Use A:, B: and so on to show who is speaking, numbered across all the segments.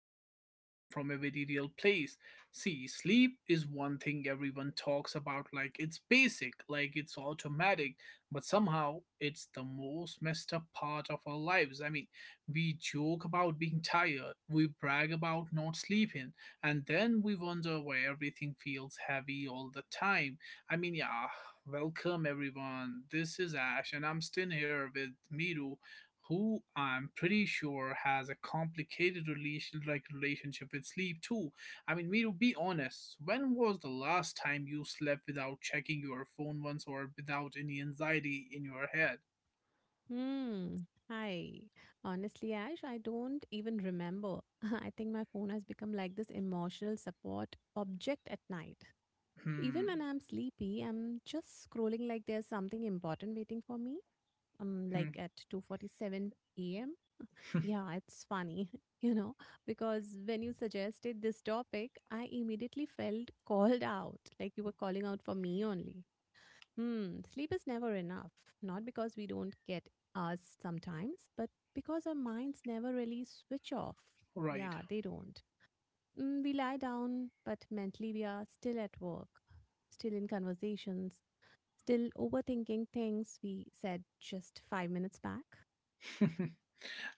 A: topic came from a very real place. See, sleep is one thing everyone talks about like it's basic, like it's automatic, but somehow it's the most messed up part of our lives. I mean, we joke about being tired, we brag about not sleeping, and then we wonder why everything feels heavy all the time. I mean, yeah, welcome everyone. This is Ash, and I'm still here with Miru, who I'm pretty sure has a complicated relationship with sleep too. I mean, Miru, be honest. When was the last time you slept without checking your phone once or without any anxiety in your head?
B: Hmm. Hi. Honestly, Ash, I don't even remember. I think my phone has become like this emotional support object at night. Even
A: Hmm.
B: when I'm sleepy, I'm just scrolling like there's something important waiting for me.
A: Hmm.
B: Like at 2:47 a.m. Yeah, it's funny, because when you suggested this topic, I immediately felt called out, like you were calling out for me only. Hmm, sleep is never enough, not because we don't get us sometimes, but because our minds never really switch off.
A: Right.
B: Yeah, they don't. Mm, we lie down, but mentally we are still at work, still in conversations, still overthinking things we said just 5 minutes back.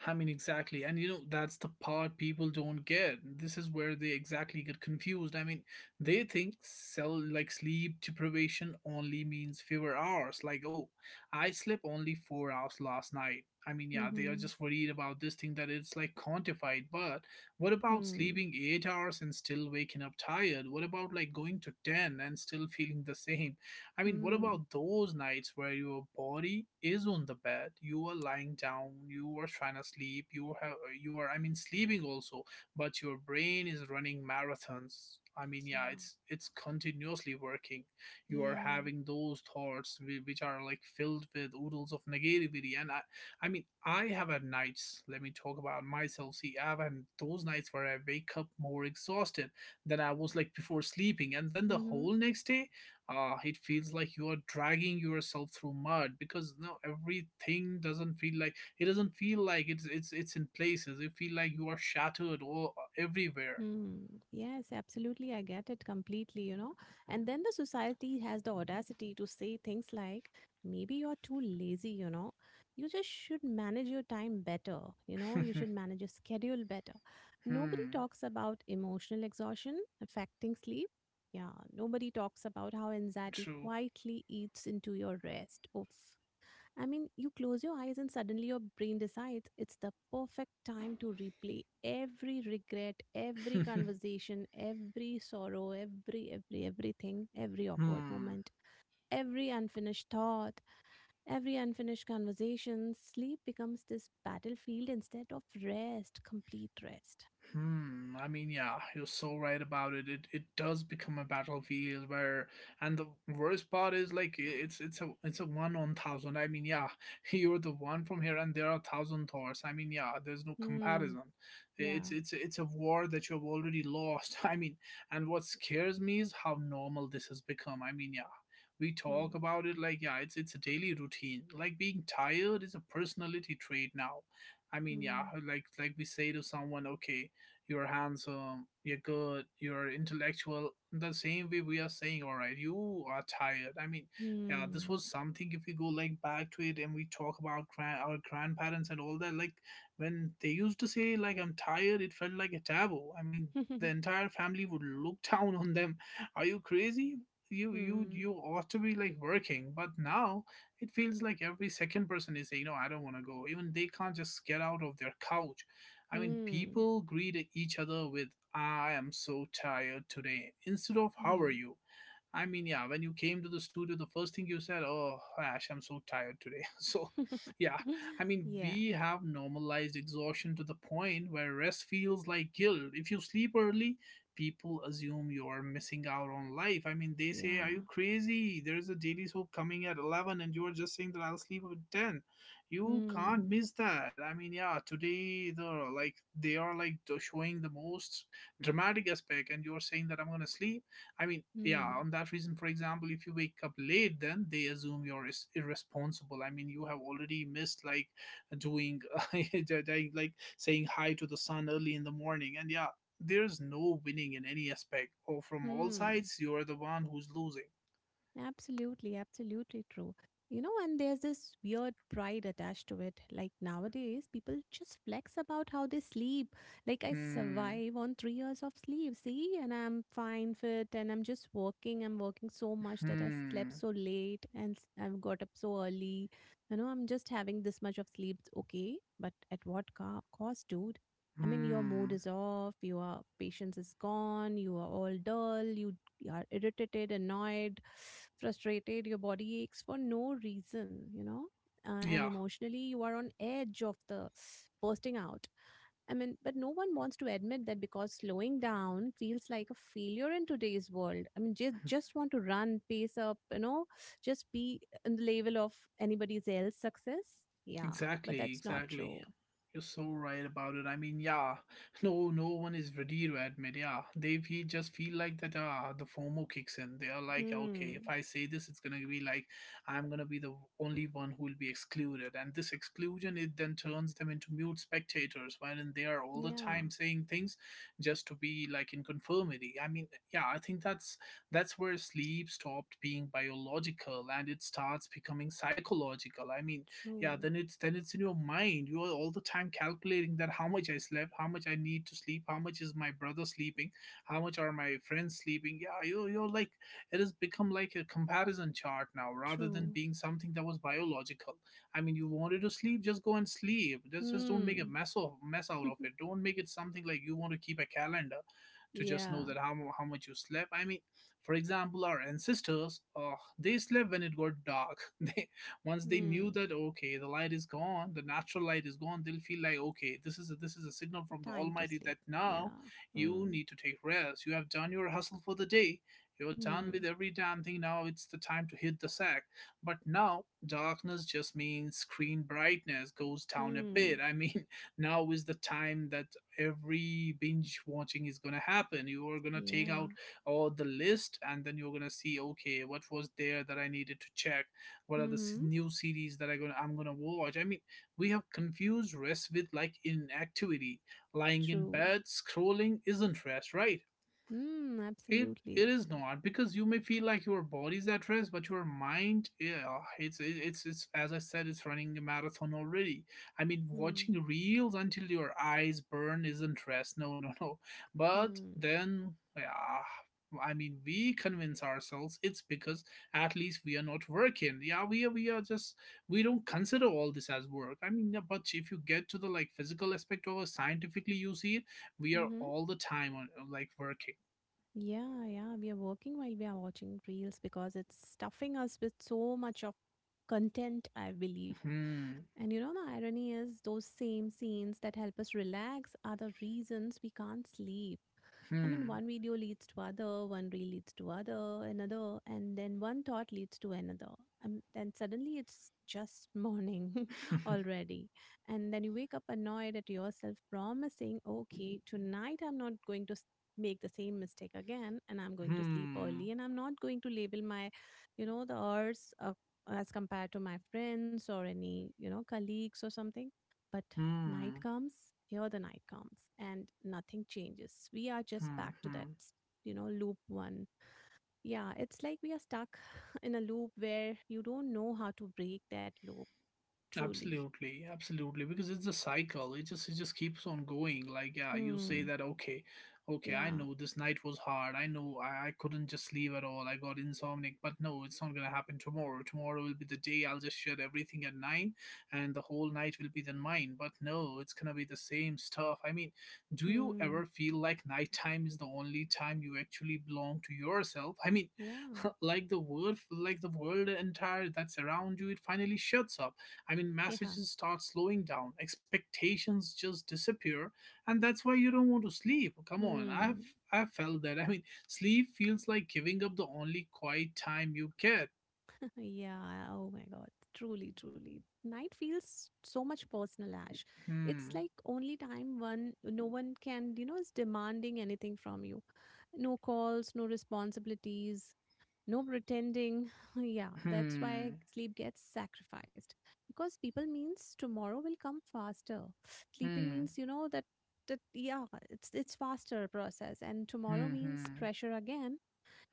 A: I mean, exactly. That's the part people don't get. This is where they exactly get confused. I mean, they think cell like sleep deprivation only means fewer hours. Like, oh, I slept only 4 hours last night. I mean, yeah, they are
B: Mm-hmm.
A: just worried about this thing that it's like quantified. But what about
B: Hmm.
A: sleeping 8 hours and still waking up tired? What about like going to 10 and still feeling the same? I mean, what
B: Hmm.
A: about those nights where your body is on the bed, you are lying down, you are trying to sleep, you are I mean sleeping also, but your brain is running marathons. I mean, yeah, it's continuously working. You
B: Yeah.
A: are
B: Yeah.
A: having those thoughts which are like filled with oodles of negativity, I mean, I have had nights. Let me talk about myself. See, I've had those nights where I wake up more exhausted than I was like before sleeping, and then the
B: Mm-hmm.
A: whole next day it feels like you are dragging yourself through mud, because now everything doesn't feel like it's in places. You feel like you are shattered all everywhere.
B: Hmm. Yes, absolutely. I get it completely, And then the society has the audacity to say things like, maybe you're too lazy, you know. You just should manage your time better, you know. You should manage your schedule better. Nobody
A: Hmm.
B: talks about emotional exhaustion affecting sleep. Yeah. Nobody talks about how anxiety
A: True.
B: quietly eats into your rest. Oof. I mean, you close your eyes and suddenly your brain decides it's the perfect time to replay every regret, every conversation, every sorrow, everything, every awkward
A: Hmm.
B: moment, every unfinished thought, every unfinished conversation. Sleep becomes this battlefield instead of rest, complete rest.
A: Hmm. I mean, yeah, you're so right about it. It does become a battlefield, where, and the worst part is like it's a one on thousand. I mean, yeah, you're the one from here, and there are thousand Thors. I mean, yeah, there's no
B: Hmm.
A: comparison. It's
B: Yeah.
A: it's it's a war that you have already lost. I mean, and what scares me is how normal this has become. I mean, yeah, we talk
B: Hmm.
A: about it like, yeah, it's a daily routine. Like being tired is a personality trait now. I mean, yeah,
B: Hmm.
A: like we say to someone, okay, you're handsome, you're good, you're intellectual. The same way, we are saying, all right, you are tired. I mean, yeah, this
B: Hmm.
A: was something. If we go like back to it and we talk about our grandparents and all that, like when they used to say like I'm tired, it felt like a taboo. I mean, the entire family would look down on them. Are you crazy? You you
B: hmm.
A: you ought to be like working. But now it feels like every second person is saying, no, I don't want to go. Even they can't just get out of their couch. I mean,
B: Hmm.
A: people greet each other with, I am so tired today, instead of, how are
B: Hmm.
A: you? I mean, yeah, when you came to the studio, the first thing you said, "Oh, Ash, I'm so tired today." So, yeah, I mean,
B: Yeah.
A: we have normalized exhaustion to the point where rest feels like guilt. If you sleep early, people assume you're missing out on life. I mean, they say, "Are
B: Yeah.
A: you crazy? There is a daily soap coming at 11 and you're just saying that I'll sleep at 10." You
B: 嗯
A: can't miss that. I mean, yeah, today they are like showing the most dramatic aspect and you're saying that I'm going to sleep. I mean, yeah,
B: 嗯
A: on that reason, for example, if you wake up late, then they assume you're irresponsible. I mean, you have already missed like doing, like saying hi to the sun early in the morning. And yeah, there's no winning in any aspect. Or from all
B: 嗯，
A: sides, you're the one who's losing.
B: Absolutely, absolutely true. You know, and there's this weird pride attached to it. Like nowadays, people just flex about how they sleep. Like, I
A: Hmm.
B: survive on 3 years of sleep, see, and I'm fine, fit, and I'm just working. I'm working so much that I
A: Hmm.
B: slept so late and I've got up so early. You know, I'm just having this much of sleep. Okay, but at what cost, dude? I mean, your mood
A: Hmm.
B: is off, your patience is gone, you are all dull, you are irritated, annoyed, frustrated, your body aches for no reason, and
A: Yeah.
B: emotionally you are on edge of the bursting out. I mean, but no one wants to admit that because slowing down feels like a failure in today's world. I mean, just want to run, pace up, just be in the level of anybody else's success. Yeah, but
A: Exactly,
B: that's not
A: exactly.
B: true.
A: You're so right about it. I mean, yeah, no, no one is ready to admit. Yeah, they feel like that. Ah, the FOMO kicks in. They are like, okay, if
B: Hmm.
A: I say this, it's gonna be like I'm gonna be the only one who will be excluded, and this exclusion it then turns them into mute spectators, wherein they are all the
B: Yeah.
A: time saying things just to be like in conformity. I mean, yeah, I think that's where sleep stopped being biological and it starts becoming psychological. I mean, yeah,
B: True.
A: then it's in your mind, you are all the time calculating that how much I slept, how much I need to sleep, how much is my brother sleeping, how much are my friends sleeping. Yeah, you're like, it has become like a comparison chart now rather than
B: True.
A: being something that was biological. I mean, you wanted to sleep, just go and sleep. Just don't make a
B: Hmm.
A: mess out of it. Don't make it something like you want to keep a calendar to just know
B: yeah.
A: that how much you slept. I mean, for example, our ancestors they slept when it got dark. They once they knew
B: Hmm.
A: that, okay, the light is gone, the natural light is gone, they'll feel like, okay, this is a signal from the
B: Time to
A: almighty
B: sleep.
A: that now
B: Yeah.
A: you
B: Mm.
A: need to take rest. You have done your hustle for the day, you're done with
B: Mm.
A: every damn thing, now it's the time to hit the sack. But now darkness just means screen brightness goes down a
B: Mm.
A: bit. I mean, now is the time that every binge watching is going to happen. You are going to take out
B: Yeah.
A: all the list and then you're going to see, okay, what was there that I needed to check, what are the
B: Mm-hmm.
A: new series that I'm gonna watch. I mean, we have confused rest with like inactivity. Lying in
B: True.
A: bed scrolling isn't rest, right?
B: Mm.
A: It
B: Absolutely.
A: it is
B: Absolutely.
A: not, because you may feel like your body's at rest, but your mind, yeah, it's as I said, it's running a marathon already. I mean,
B: Mm.
A: watching reels until your eyes burn isn't rest. No, no, no. But
B: Mm.
A: then, yeah. I mean, we convince ourselves it's because at least we are not working. Yeah, we are just we don't consider all this as work. I mean, yeah, but if you get to the like physical aspect of it, scientifically, you see it, we are
B: Mm-hmm.
A: all the time on like working.
B: Yeah. Yeah. We are working while we are watching reels because it's stuffing us with so much of content, I believe.
A: 嗯
B: And you know, the irony is those same scenes that help us relax are the reasons we can't sleep. I mean,
A: 嗯
B: one video leads to other, one reel leads to other, another, and then one thought leads to another. And then suddenly it's just morning
A: 嗯
B: already. And then you wake up annoyed at yourself, promising, okay, tonight I'm not going to make the same mistake again, and I'm
A: 嗯
B: going to sleep
A: 嗯
B: early, and I'm not going to label my, the hours as compared to my friends or any, you know, colleagues or something.
A: 嗯
B: Night
A: 嗯。
B: comes, here the night comes, and nothing changes. We are just back to that,
A: 嗯
B: you know, loop one. Yeah, it's like we are stuck in a loop where you don't know how to break that loop truly.
A: Absolutely, absolutely, because it's a cycle. It just keeps on going. Like, yeah, you say
B: Hmm.
A: that, okay, okay, I
B: Yeah.
A: know this night was hard. I know I couldn't just sleep at all. I got insomniac, but no, it's not gonna happen tomorrow. Tomorrow will be the day I'll just shut everything at 9, and the whole night will be then mine. But no, it's gonna be the same stuff. I mean, do you
B: Hmm.
A: ever feel like nighttime is the only time you actually belong to yourself? I mean,
B: Yeah.
A: like the world entire that's around you, it finally shuts up. I mean,
B: Yeah.
A: messages start slowing down, expectations just disappear, and that's why you don't want to sleep. Come on, I've
B: Hmm.
A: I've felt that. I mean, sleep feels like giving up the only quiet time you get.
B: yeah. Oh my God. Truly, truly. Night feels so much personal, Ash. It's
A: Hmm.
B: like only time one, no one can, you know, is demanding anything from you. No calls, no responsibilities, no pretending. yeah, that's why
A: Hmm.
B: sleep gets sacrificed because people means tomorrow will come faster. Sleeping
A: Hmm.
B: means you know that yeah, it's faster process, and tomorrow
A: Hmm. Hmm.
B: means pressure again.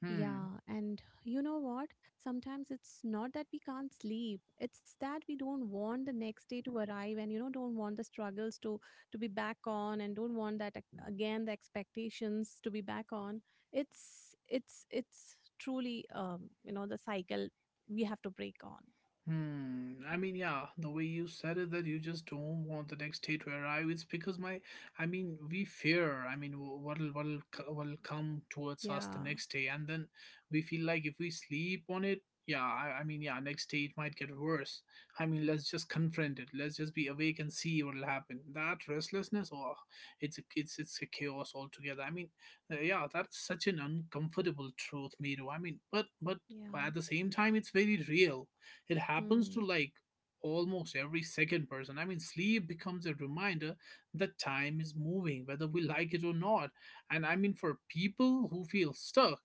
A: Hmm.
B: Yeah, and you know what? Sometimes it's not that we can't sleep. It's that we don't want the next day to arrive and you know don't want the struggles to be back on and don't want that again the expectations to be back on. It's truly you know the cycle we have to break on
A: Hmm. I mean, yeah, the way you said it, that you just don't want the next day to arrive. It's because my, I mean, we fear. I mean, what'll come towards us the
B: yeah
A: next day, and then we feel like if we sleep on it, yeah, I mean, yeah, next day it might get worse. I mean, let's just confront it. Let's just be awake and see what'll happen. That restlessness, oh, it's a chaos altogether. I mean, yeah, that's such an uncomfortable truth, Miro. I mean, but
B: yeah
A: at the same time, it's very real, it happens
B: hmm.
A: to like almost every second person. I mean, sleep becomes a reminder that time is moving, whether we like it or not. And I mean, for people who feel stuck,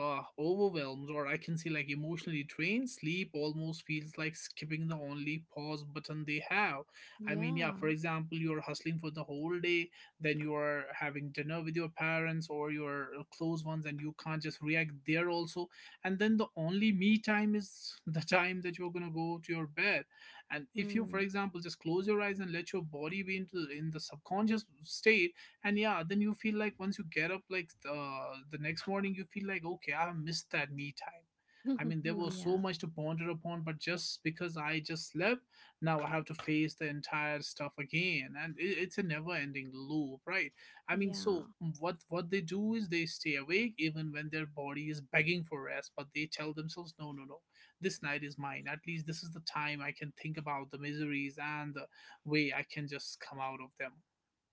A: overwhelmed, or I can say like emotionally drained, sleep almost feels like skipping the only pause button they have. I mean, yeah,
B: Yeah.
A: for example, you're hustling for the whole day, then you are having dinner with your parents or your close ones, and you can't just react there also. And then the only me time is the time that you're gonna go to your bed. And if you, for
B: Hmm.
A: example, just close your eyes and let your body be into in the subconscious state, and yeah, then you feel like once you get up, like, the next morning you feel like, okay, I have missed that me time. I mean, there was so
B: yeah.
A: much to ponder upon, but just because I just slept, now I have to face the entire stuff again, and it's a never ending loop, right? I mean, so
B: Yeah.
A: what they do is they stay awake even when their body is begging for rest, but they tell themselves, no, no, no, this night is mine. At least this is the time I can think about the miseries and the way I can just come out of them.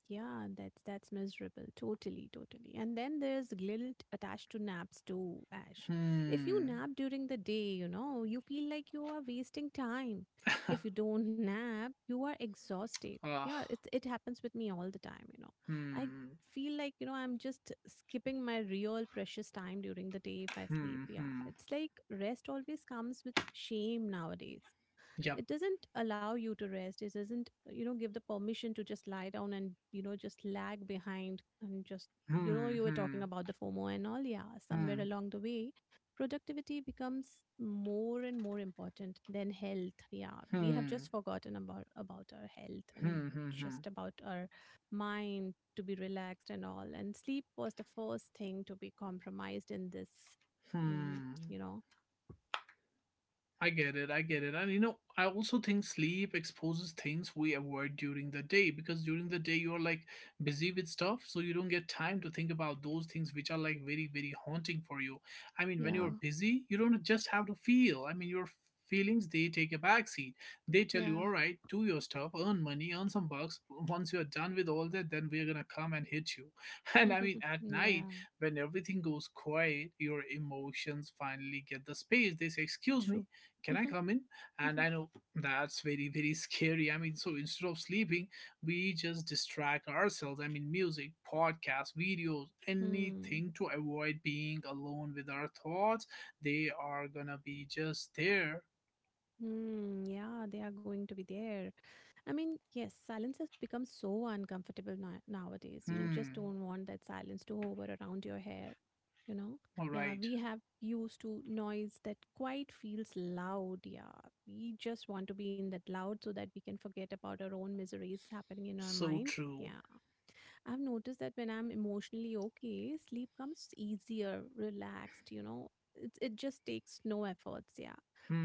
B: Yeah. That's miserable. Totally. Totally. And then there's guilt attached to naps too, Ash. If you
A: Hmm.
B: nap during the day, you know, you feel like you are wasting time. If you don't nap, you are exhausted.
A: Ah.
B: Yeah. It happens with me all the time. You know, I
A: Hmm,
B: feel like you know I'm just skipping my real precious time during the day if I sleep.
A: hmm,
B: Yeah.
A: hmm.
B: It's like rest always comes with shame nowadays.
A: Yep.
B: It doesn't allow you to rest, it doesn't, you know, give the permission to just lie down and you know just lag behind and just, you know,
A: Hmm,
B: you were talking
A: hmm,
B: about the FOMO and all, yeah, somewhere
A: hmm,
B: along the way productivity becomes more and more important than health. Yeah, we have just
A: hmm,
B: forgotten about our health and
A: hmm, hmm,
B: just about our mind to be relaxed and all, and sleep was the first thing to be compromised in this.
A: hmm,
B: Mm,
A: hmm.
B: you know?
A: I get it. I get it. And you know, I also think sleep exposes things we avoid during the day, because during the day you're, like, busy with stuff, so you don't get time to think about those things which are, like, very, very haunting for you. I mean, when
B: Yeah,
A: you're busy, you don't just have to feel. I mean, your feelings, they take a backseat. They tell
B: yeah.
A: you, all right, do your stuff, earn money, earn some bucks. Once you're done with all that, then we're gonna come and hit you. And I mean, at night,
B: yeah,
A: when everything goes quiet, your emotions finally get the space. They say, excuse
B: true.
A: me, can I come in? And I know that's very, very scary. I mean, so instead of sleeping, we just distract ourselves. I mean, music, podcasts, videos,
B: Hmm.
A: anything to avoid being alone with our thoughts. They are gonna be just there.
B: Hmm, yeah, they are going to be there. I mean, yes, silence has become so uncomfortable nowadays. You just
A: Hmm.
B: don't want that silence to hover around your hair, you know?
A: All
B: Yeah,
A: right.
B: we have used to noise that quite feels loud. Yeah, we just want to be in that loud so that we can forget about our own miseries happening in our
A: So
B: mind.
A: true.
B: Yeah. I've noticed that when I'm emotionally okay, sleep comes easier, relaxed, you know. It just takes no efforts, yeah.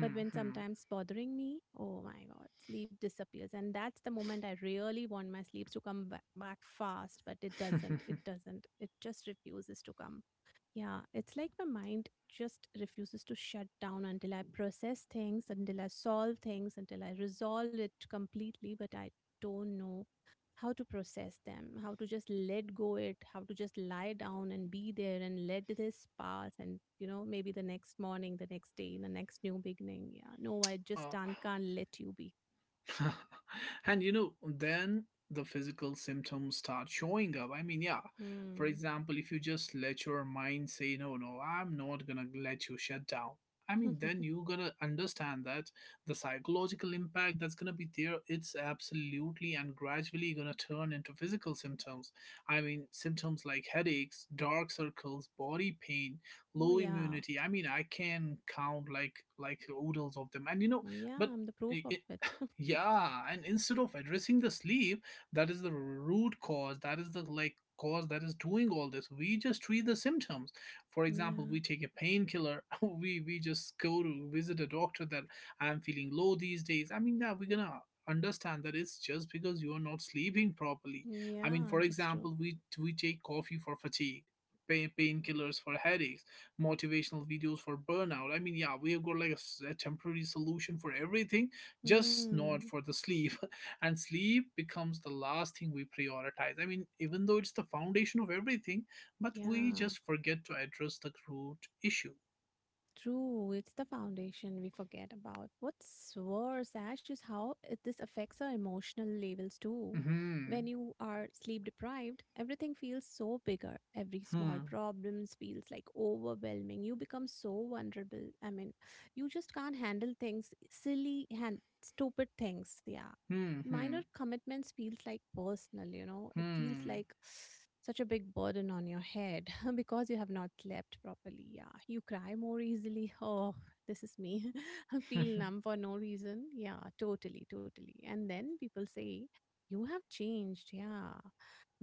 B: But when sometimes bothering me, oh my god, sleep disappears. And that's the moment I really want my sleeps to come back fast, but it doesn't.
A: Hmm.
B: It doesn't. It just refuses to come. Yeah, it's like my mind just refuses to shut down until I process things, until I solve things, until I resolve it completely, but I don't know how to process them, how to just let go it, how to just lie down and be there and let this pass and you know maybe the next morning, the next day, the next new beginning. Yeah, no, I just
A: uh,
B: can't let you be.
A: and then the physical symptoms start showing up. I mean, yeah. For
B: Hmm.
A: example, if you just let your mind say, no, no, I'm not gonna let you shut down. I mean, then you going to understand that the psychological impact that's gonna be there, it's absolutely and gradually gonna turn into physical symptoms. I mean, symptoms like headaches, dark circles, body pain,
B: oh
A: low
B: yeah,
A: immunity. I mean, I can count like oodles of them. And
B: yeah,
A: but
B: I'm the proof
A: i-
B: of it.
A: yeah, and instead of addressing the sleep, that is the root cause, that is the, like, cause that is doing all this. We just treat the symptoms. For
B: yeah,
A: example, we take a painkiller, we just go to visit a doctor that I'm feeling low these days. I mean, that we're gonna understand that it's just because you are not sleeping properly. I mean,
B: yeah,
A: for
B: that's true.
A: example, we take coffee for fatigue. Painkillers for headaches, motivational videos for burnout. I mean, yeah, we have got like a s a temporary solution for everything, just not
B: Hmm.
A: for the sleep. And sleep becomes the last thing we prioritize. I mean, even though it's the foundation of everything, but we
B: Yeah.
A: just forget to address the root issue.
B: True, it's the foundation we forget about. What's worse, Ash, is how it, this affects our emotional levels too.
A: Hmm.
B: When you are sleep deprived, everything feels so bigger. Every small
A: Hmm.
B: problems feels like overwhelming. You become so vulnerable. I mean, you just can't handle things, silly and stupid things. Yeah,
A: Hmm.
B: minor
A: Hmm.
B: commitments feels like personal, you know, it feels like such a big burden on your head because you have not slept properly. Yeah, you cry more easily. Oh, this is me. I feel
A: Hmm.
B: numb for no reason. Yeah, totally, totally. And then people say you have changed. Yeah.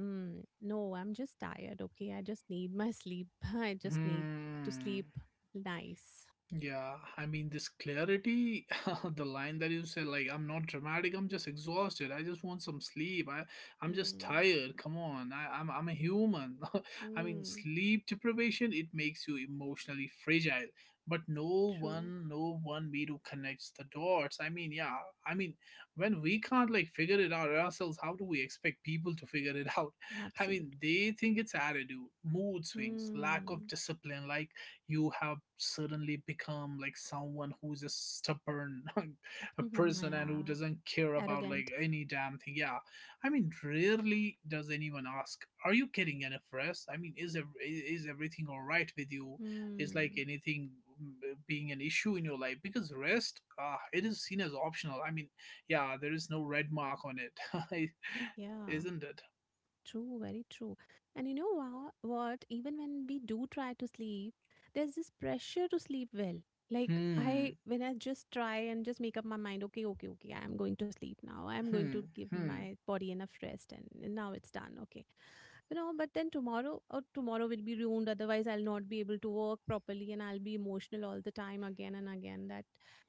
B: Mm, no, I'm just tired, okay? I just need my sleep. I just need to
A: Hmm.
B: sleep. Nice.
A: Yeah, I mean, this clarity, the line that you said, like, I'm not dramatic, I'm just exhausted. I just want some sleep. I'm just
B: Mm,
A: tired. Come on, I'm a human. I mean,
B: mm,
A: sleep deprivation, it makes you emotionally fragile. But no
B: true,
A: one, no one me to connects the dots. I mean, yeah, I mean, when we can't, like, figure it out ourselves, how do we expect people to figure it out? I mean,
B: absolutely.
A: they think it's attitude, mood swings, lack of
B: Hmm.
A: discipline, like, you have suddenly become like someone who's a stubborn a
B: Mhm, na
A: person and who
B: ja,
A: doesn't care about,
B: arrogant.
A: like, any damn thing, yeah. I mean, rarely does anyone ask, are you getting enough rest? I mean, is everything all right with you? Is, like,
B: Mhm,
A: anything mm, being an issue in your life? Because rest, it is seen as optional. I mean, yeah, there is no red mark on it.
B: ja.
A: Isn't it?
B: True, very true. And you know what? Even when we do try to sleep, there's this pressure to sleep well. Like I,
A: Hmm.
B: when I just try and just make up my mind, okay, okay, okay, I'm going to sleep now. I'm going to
A: Hmm.
B: give
A: Hmm.
B: my body enough rest, and now it's done. Okay, you know. But then tomorrow, or tomorrow will be ruined. Otherwise, I'll not be able to work properly, and I'll be emotional all the time again and again. That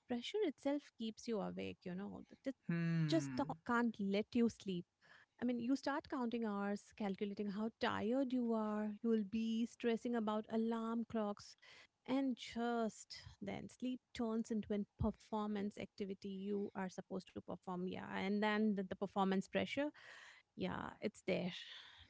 B: pressure itself keeps you awake. You know, that just
A: Hmm.
B: can't let you sleep. I mean, you start counting hours, calculating how tired you are, you will be stressing about alarm clocks, and just then sleep turns into an performance activity you are supposed to perform. Yeah. And then the performance pressure, yeah, it's there.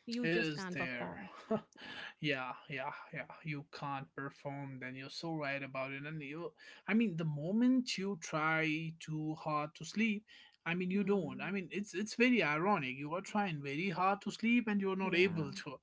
B: You
A: It
B: just
A: is
B: can't
A: there.
B: perform. Yeah.
A: Yeah, yeah, yeah. You can't perform, then you're so right about it. And you, I mean, the moment you try too hard to sleep, I mean, you don't.
B: Hmm.
A: I mean, it's very ironic. You are trying very hard to sleep and you're not
B: Yeah.
A: able to.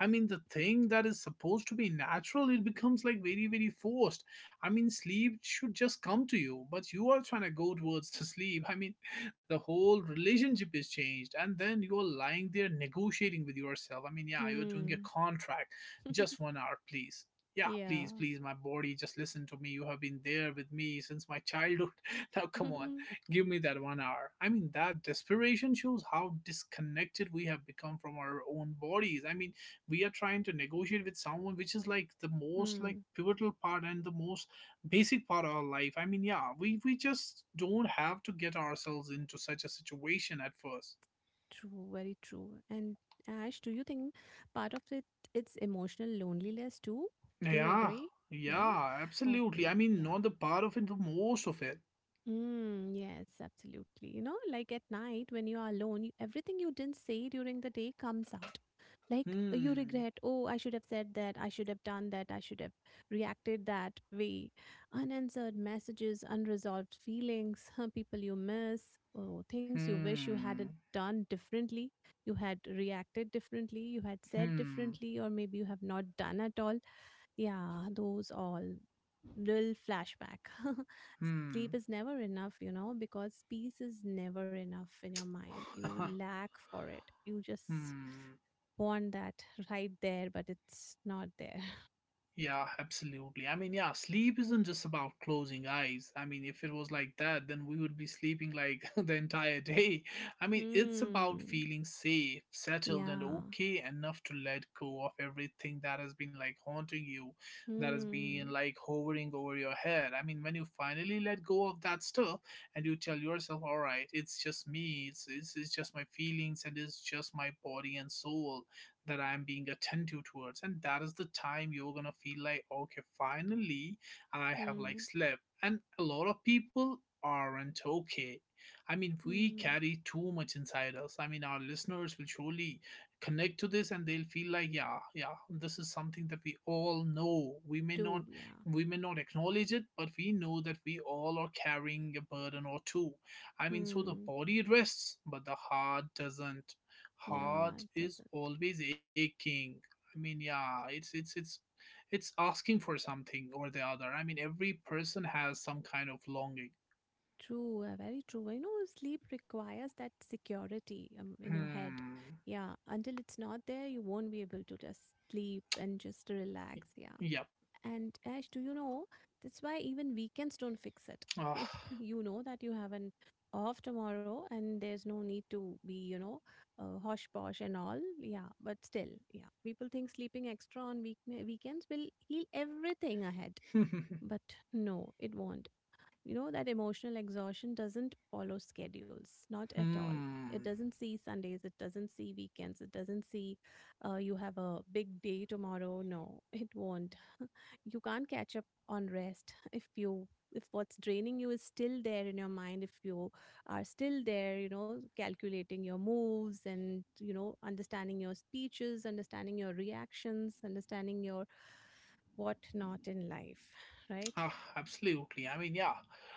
A: I mean, the thing that is supposed to be natural, it becomes like very, very forced. I mean, sleep should just come to you, but you are trying to go towards the sleep. I mean, the whole relationship is changed, and then you're lying there negotiating with yourself. I mean, yeah, you're doing a
B: Hmm.
A: contract. Just 1 hour, please. Yeah,
B: yeah.
A: please, please, my body, just listen to me. You have been there with me since my childhood. Now come on, give me that 1 hour. I mean, that desperation shows how disconnected we have become from our own bodies. I mean, we are trying to negotiate with someone which is like the most, like,
B: hmm.
A: pivotal part and the most basic part of our life. I mean, yeah, we just don't have to get ourselves into such a situation at first.
B: True, very true. And Ash, do you think part of it it's emotional loneliness too? Do you
A: Yeah.
B: agree? Yeah.
A: Yeah, absolutely. I
B: Okay.
A: mean,
B: Yeah.
A: not the part of it, the most of it.
B: Mm, yes, absolutely. You know, like at night when you are alone, you, everything you didn't say during the day comes out. Like you
A: Hmm.
B: regret, oh, I should have said that, I should have done that, I should have reacted that way. Unanswered messages, unresolved feelings, people you miss, oh, things you wish you had
A: Hmm.
B: done differently, you had reacted differently, you had said
A: Hmm.
B: differently, or maybe you have not done at all. Yeah, those all little flashback. Sleep
A: Hmm.
B: is never enough, you know, because peace is never enough in your mind. You lack for it. You just
A: Hmm.
B: want that right there, but it's not there.
A: Yeah, absolutely. I mean, yeah, sleep isn't just about closing eyes. I mean, if it was like that, then we would be sleeping like the entire day. I mean, it's about
B: Hmm.
A: feeling safe, settled, and
B: Yeah.
A: okay enough to let go of everything that has been, like, haunting you, that has been,
B: Hmm.
A: like, hovering over your head. I mean, when you finally let go of that stuff and you tell yourself, all right, it's just me, it's just my feelings, and it's just my body and soul that I'm being attentive towards. And that is the time you're gonna feel like, okay, finally I have, like,
B: Hmm.
A: slept. And a lot of people aren't okay. I mean, we
B: Hmm.
A: carry too much inside us. I mean, our listeners will surely connect to this and they'll feel like, yeah, yeah, this is something that we all know. We may not
B: Do, yeah.
A: we may not acknowledge it, but we know that we all are carrying a burden or two. I mean, so the
B: Hmm.
A: body rests, but the heart doesn't.
B: Yeah,
A: Heart
B: it
A: is
B: doesn't.
A: always aching. I mean, yeah, it's asking for something or the other. I mean, every person has some kind of longing.
B: True, very true. I know sleep requires that security in your head.
A: Hmm.
B: Yeah, until it's not there, you won't be able to just sleep and just relax. Yeah.
A: Yep.
B: And Ash, do you know? That's why even weekends don't fix it.
A: Ah.
B: You know that you have an off tomorrow and there's no need to be, hosh posh and all. Yeah, but still, yeah. People think sleeping extra on weekends will heal everything ahead, but no, it won't. That emotional exhaustion doesn't follow schedules, not at all. It
A: Hmm.
B: doesn't see Sundays, it doesn't see weekends, it doesn't see you have a big day tomorrow. No, it won't. You can't catch up on rest. If what's draining you is still there in your mind, if you are still there, calculating your moves, and understanding your speeches, understanding your reactions, understanding your what not in life, right?
A: Ah, absolutely. I mean, yeah,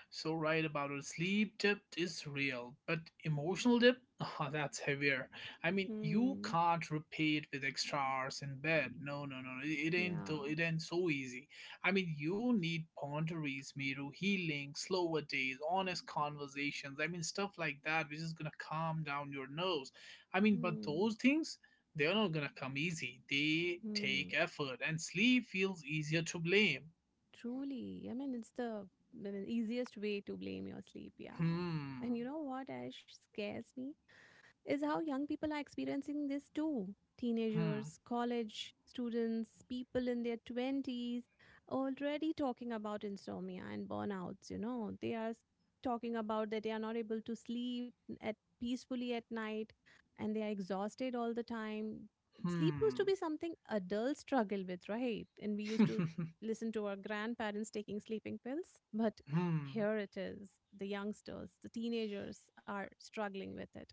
A: so right about it. Sleep debt is real, but emotional debt, ah, that's heavier. I mean, you
B: Hmm.
A: can't repay it with extra hours in bed. No, no, no, no. It ain't.
B: Yeah.
A: Though it ain't so easy. I mean, you need boundaries, Miru, healing, slower days, honest conversations. I mean, stuff like that, which is gonna calm down your nerves. I mean, but
B: Hmm.
A: those things, they're not gonna come easy. They take
B: Mm.
A: effort, and sleep feels easier to blame.
B: Truly. I mean, it's the I mean, easiest way to blame your sleep. Yeah. And
A: Hmm.
B: you know what, Ash, scares me is how young people are experiencing this too.
A: Hmm.
B: Teenagers, college students, people in their 20s already talking about insomnia and burnouts. You know, they are talking about that they are not able to sleep at peacefully at night, and they are exhausted all the time. Sleep used to
A: Hmm.
B: be something adults struggle with, right? And we used to listen to our grandparents taking sleeping pills, but
A: Hmm.
B: here it is, the youngsters, the teenagers are struggling with it.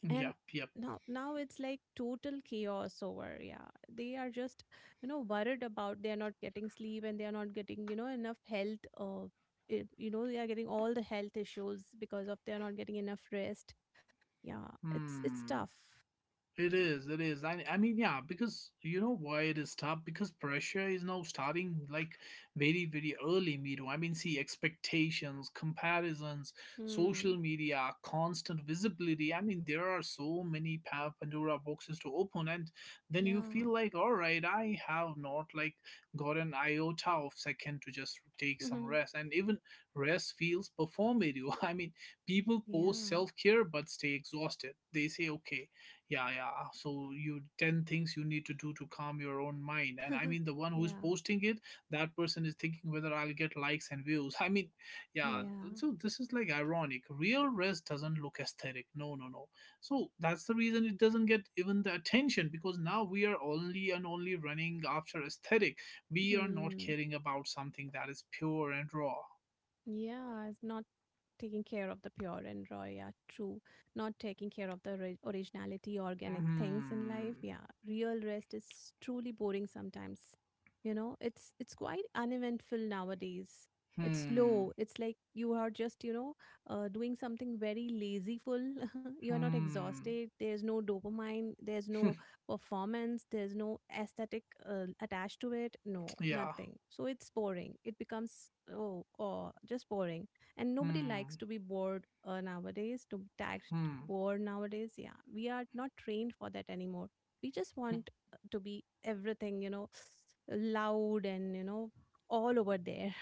B: And
A: Yep. Yep.
B: now it's like total chaos over. Yeah, they are just, worried about they are not getting sleep, and they are not getting, enough health, they are getting all the health issues because of they are not getting enough rest. Yeah, it's
A: Hmm.
B: tough.
A: It is, it is. I mean, yeah, because you know why it is tough? Because pressure is now starting like very, very early, Miro. I mean, see, expectations, comparisons,
B: Hmm.
A: social media, constant visibility. I mean, there are so many Pandora boxes to open, and then you
B: Yeah.
A: feel like, all right, I have not, like, got an iota of second to just take some
B: Mhm.
A: rest. And even rest feels performative. I mean, people post
B: Yeah.
A: self care but stay exhausted. They say, okay. Yeah, yeah. So you 10 things you need to do to calm your own mind. And I mean the one who's
B: Yeah,
A: posting it, that person is thinking whether I'll get likes and views. I mean, yeah,
B: yeah.
A: so this is, like, ironic. Real rest doesn't look aesthetic. No, no, no. So that's the reason it doesn't get even the attention, because now we are only and only running after aesthetic. We are not
B: Hmm.
A: caring about something that is pure and raw.
B: Yeah, it's not taking care of the pure and raw. Yeah, true. Not taking care of the originality, organic things in life.
A: Hmm.
B: Yeah, real rest is truly boring sometimes. You know, it's quite uneventful nowadays. It's
A: Hmm.
B: slow, it's like you are just, doing something very lazyful. You're not
A: Hmm.
B: exhausted, there's no dopamine, there's no performance, there's no aesthetic attached to it. No,
A: Yeah.
B: nothing. So it's boring, it becomes, oh, just boring. And nobody likes
A: Hmm.
B: to be bored nowadays, to be tagged
A: Hmm.
B: bored nowadays. Yeah, we are not trained for that anymore. We just want to be everything, loud, and all over there.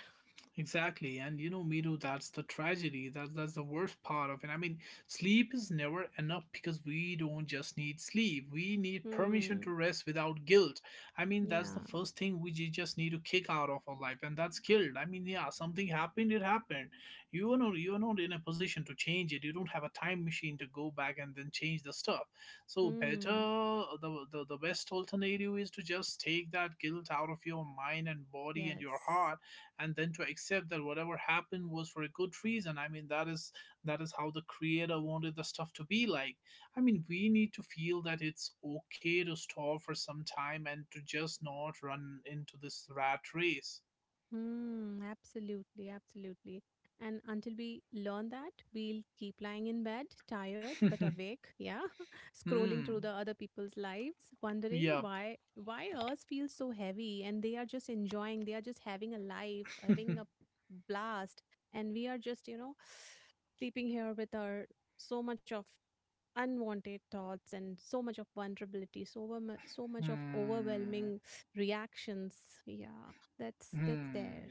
A: Exactly, and Miru, that's the tragedy. That's the worst part of it. I mean, sleep is never enough because we don't just need sleep. We need permission
B: Hmm.
A: to rest without guilt. I mean, that's the
B: Yeah.
A: first thing we just need to kick out of our life, and that's guilt. I mean, yeah, something happened. It happened. You are not in a position to change it. You don't have a time machine to go back and then change the stuff. So better
B: Hmm.
A: the best alternative is to just take that guilt out of your mind and body and your
B: Yes.
A: heart, and then to accept that whatever happened was for a good reason. I mean, that is how the creator wanted the stuff to be like. I mean, we need to feel that it's okay to stop for some time and to just not run into this rat race.
B: Mm, absolutely, absolutely. And until we learn that, we'll keep lying in bed, tired but awake, yeah, scrolling through the
A: Hmm.
B: other people's lives, wondering
A: Yep.
B: why ours feels so heavy, and they are just enjoying, they are just having a life, having a blast, and we are just, sleeping here with our so much of unwanted thoughts, and so much of vulnerability, so so much of
A: Hmm.
B: overwhelming reactions. Yeah, that's
A: Hmm.
B: there.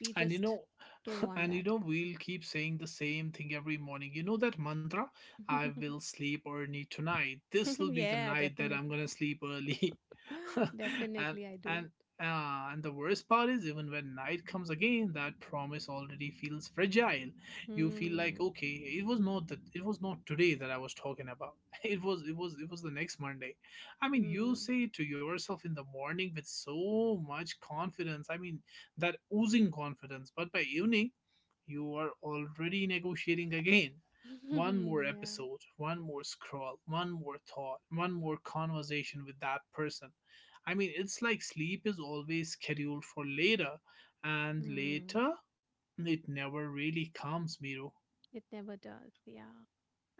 B: We
A: and you
B: just
A: know
B: don't want
A: and you
B: that.
A: know we'll keep saying the same thing every morning, you know that mantra, I will sleep early tonight, this will be the
B: Yeah,
A: night that I'm
B: definitely.
A: gonna sleep early. and
B: Definitely, I do.
A: and and the worst part is, even when night comes again, that promise already feels fragile. You feel like,
B: Hmm.
A: okay, it was not that, it was not today that I was talking about. It was it was the next Monday. I mean, you
B: Hmm.
A: say it to yourself in the morning with so much confidence. I mean, that oozing confidence. But by evening, you are already negotiating again. One more
B: Yeah.
A: episode, one more scroll, one more thought, one more conversation with that person. I mean, it's like sleep is always scheduled for later, and
B: Hmm.
A: later it never really comes, Miro.
B: It never does. Yeah,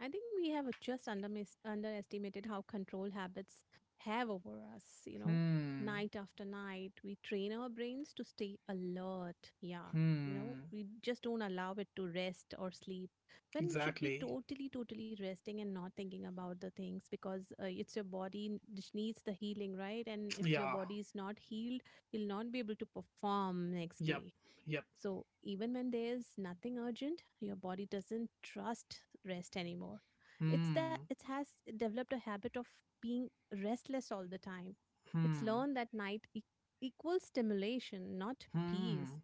B: I think we have just underestimated how control habits have over us, you know.
A: Hmm,
B: Night after night, we train our brains to stay alert. Yeah. You know,
A: hmm,
B: we just don't allow it to rest or sleep when it should be
A: exactly.
B: totally, totally resting, and not thinking about the things, because it's your body which needs the healing, right? And if your
A: Yeah,
B: body is not healed, you'll not be able to perform next
A: yep,
B: day.
A: yep.
B: So, even when there's nothing urgent, your body doesn't trust rest anymore. It's that
A: Hmm,
B: it has developed a habit of being restless all the time. It's
A: hmm,
B: learned that night equals stimulation, not peace.
A: hmm.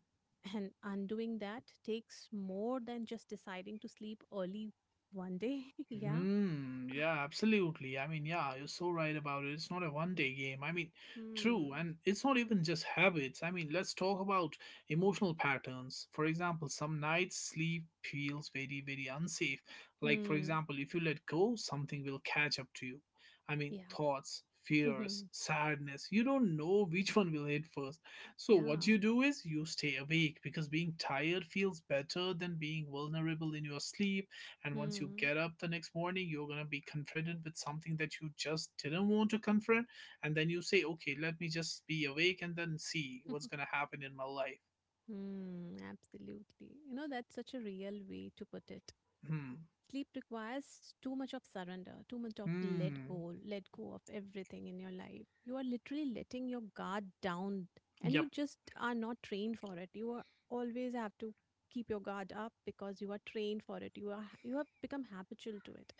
B: And undoing that takes more than just deciding to sleep early one day. Yeah.
A: Hmm. Yeah, absolutely. I mean, yeah, you're so right about it. It's not a one-day game. I mean, true,
B: Hmm.
A: and it's not even just habits. I mean, let's talk about emotional patterns. For example, some nights sleep feels very, very unsafe. Like, for
B: Hmm.
A: example, if you let go, something will catch up to you. I mean,
B: Yeah.
A: thoughts, fears, sadness. You don't know which one will hit first. So what
B: Yeah.
A: you do is you stay awake, because being tired feels better than being vulnerable in your sleep. And once you
B: Hmm.
A: get up the next morning, you're going to be confronted with something that you just didn't want to confront. And then you say, okay, let me just be awake and then see what's going to happen in my life.
B: Hmm, absolutely. You know, that's such a real way to put it.
A: Hmm.
B: Sleep requires too much of surrender, too much of
A: Hmm.
B: let go of everything in your life. You are literally letting your guard down, and
A: Yep.
B: you just are not trained for it. You are always have to keep your guard up because you are trained for it. You have become habitual to it.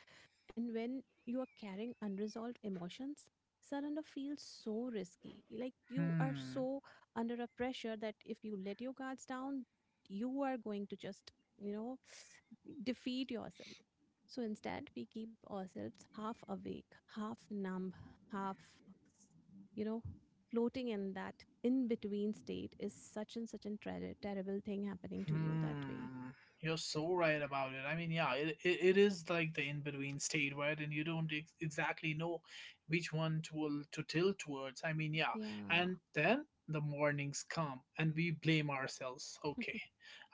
B: And when you are carrying unresolved emotions, surrender feels so risky. Like you are
A: Hmm.
B: so under a pressure that if you let your guards down, you are going to just, you know defeat yourself. So instead, we keep ourselves half awake, half numb, half, you know, floating in that in between state. Is such and such a terrible thing happening to you that way.
A: Hmm. You're so right about it. I mean, yeah, it is like the in between state, right? And you don't exactly know which one to tilt towards. I mean, yeah.
B: Yeah.
A: And then the mornings come and we blame ourselves. Okay,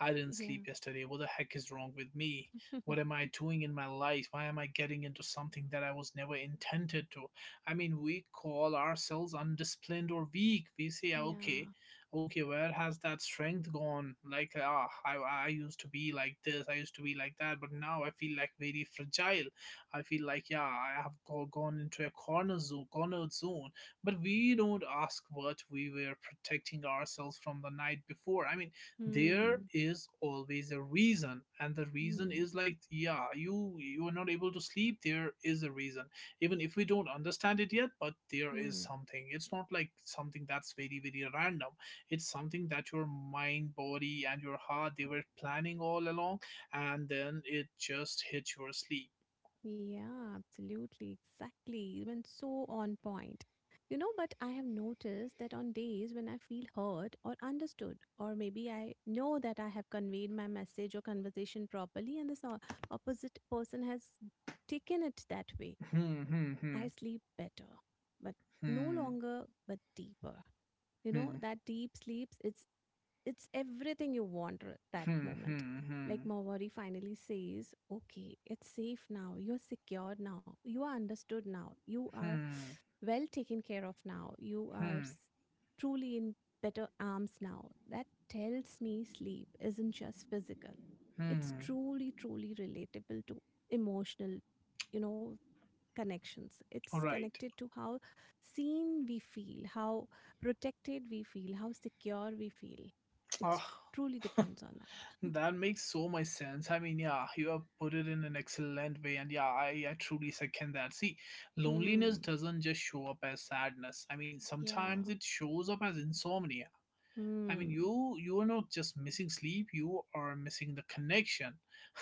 A: I didn't
B: Yeah.
A: sleep yesterday. What the heck is wrong with me? What am I doing in my life? Why am I getting into something that I was never intended to? I mean, we call ourselves undisciplined or weak. We say, "Ah, okay,
B: Yeah.
A: okay, where has that strength gone? Like, ah, I used to be like this, I used to be like that, but now I feel like very fragile. I feel like, yeah, I have gone into a cornered zone. But we don't ask what we were protecting ourselves from the night before. I mean, there
B: Hmm.
A: is always a reason, and the reason
B: Hmm.
A: is like, yeah, you are not able to sleep, there is a reason. Even if we don't understand it yet, but there is
B: Hmm.
A: something. It's not like something that's very, very random. It's something that your mind, body and your heart, they were planning all along, and then it just hit your sleep.
B: Yeah, absolutely, exactly. You went so on point. You know, but I have noticed that on days when I feel heard or understood, or maybe I know that I have conveyed my message or conversation properly, and this opposite person has taken it that way,
A: Hmm. Hmm.
B: I sleep better, but no
A: Hmm.
B: longer, but deeper. You know,
A: Hmm.
B: that deep sleeps, it's everything you want that
A: Hmm.
B: moment.
A: Hmm.
B: Like
A: Hmm.
B: Mawari finally says, okay, it's safe now. You're secure now. You are understood now. You
A: Hmm.
B: are
A: Hmm.
B: well taken care of now. You are
A: Hmm.
B: truly in better arms now. That tells me sleep isn't just physical. It's
A: Hmm.
B: truly, truly relatable to emotional, you know, connections.
A: All
B: It's
A: right.
B: connected to how seen we feel, how protected we feel, how secure we feel. It
A: Ah.
B: truly depends on that.
A: That makes so much sense. I mean, yeah, you have put it in an excellent way, and yeah, I truly second that. See, loneliness
B: Hmm.
A: doesn't just show up as sadness. I mean, sometimes
B: Yeah.
A: it shows up as insomnia. I
B: Hmm.
A: mean, you are not just missing sleep; you are missing the connection.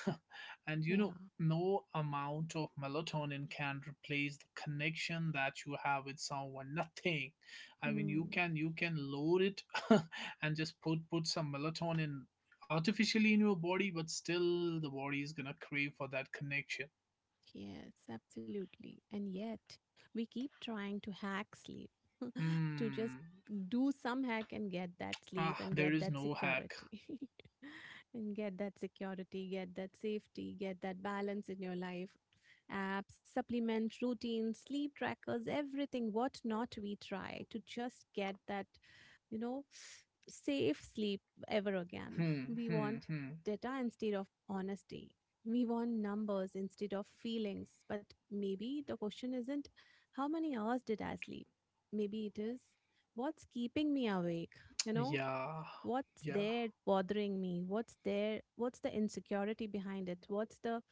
A: And you
B: Yeah.
A: know, no amount of melatonin can replace the connection that you have with someone. Nothing. I mean, you
B: Hmm.
A: can you can load it and just put some melatonin artificially in your body, but still the body is gonna crave for that connection.
B: Yes, absolutely. And yet, we keep trying to hack sleep, to just
A: Hmm.
B: do some hack and get that sleep
A: Ah,
B: and
A: there
B: get
A: is
B: that
A: no hack.
B: security. And get that security, get that safety, get that balance in your life. Apps, supplement routines, sleep trackers, everything, what not we try to just get that, you know, safe sleep ever again.
A: Hmm.
B: We
A: Hmm.
B: want
A: Hmm.
B: data instead of honesty. We want numbers instead of feelings. But maybe the question isn't, how many hours did I sleep? Maybe it is, what's keeping me awake? You know,
A: Yeah.
B: what's
A: Yeah.
B: there bothering me? What's there? What's the insecurity behind it? What's the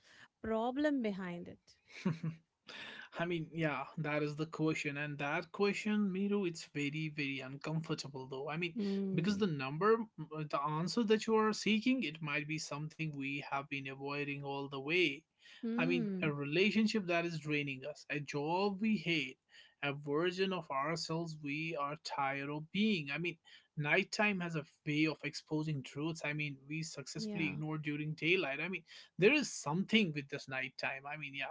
B: problem behind it?
A: I mean, yeah, that is the question, and that question, Miru, it's very, very uncomfortable though. I mean, because
B: Hmm.
A: the answer that you are seeking, it might be something we have been avoiding all the way. I mean,
B: Hmm.
A: a relationship that is draining us, a job we hate, a version of ourselves we are tired of being. I mean, nighttime has a way of exposing truths. I mean, we successfully
B: Yeah.
A: ignore during daylight. I mean, there is something with this nighttime. I mean, yeah.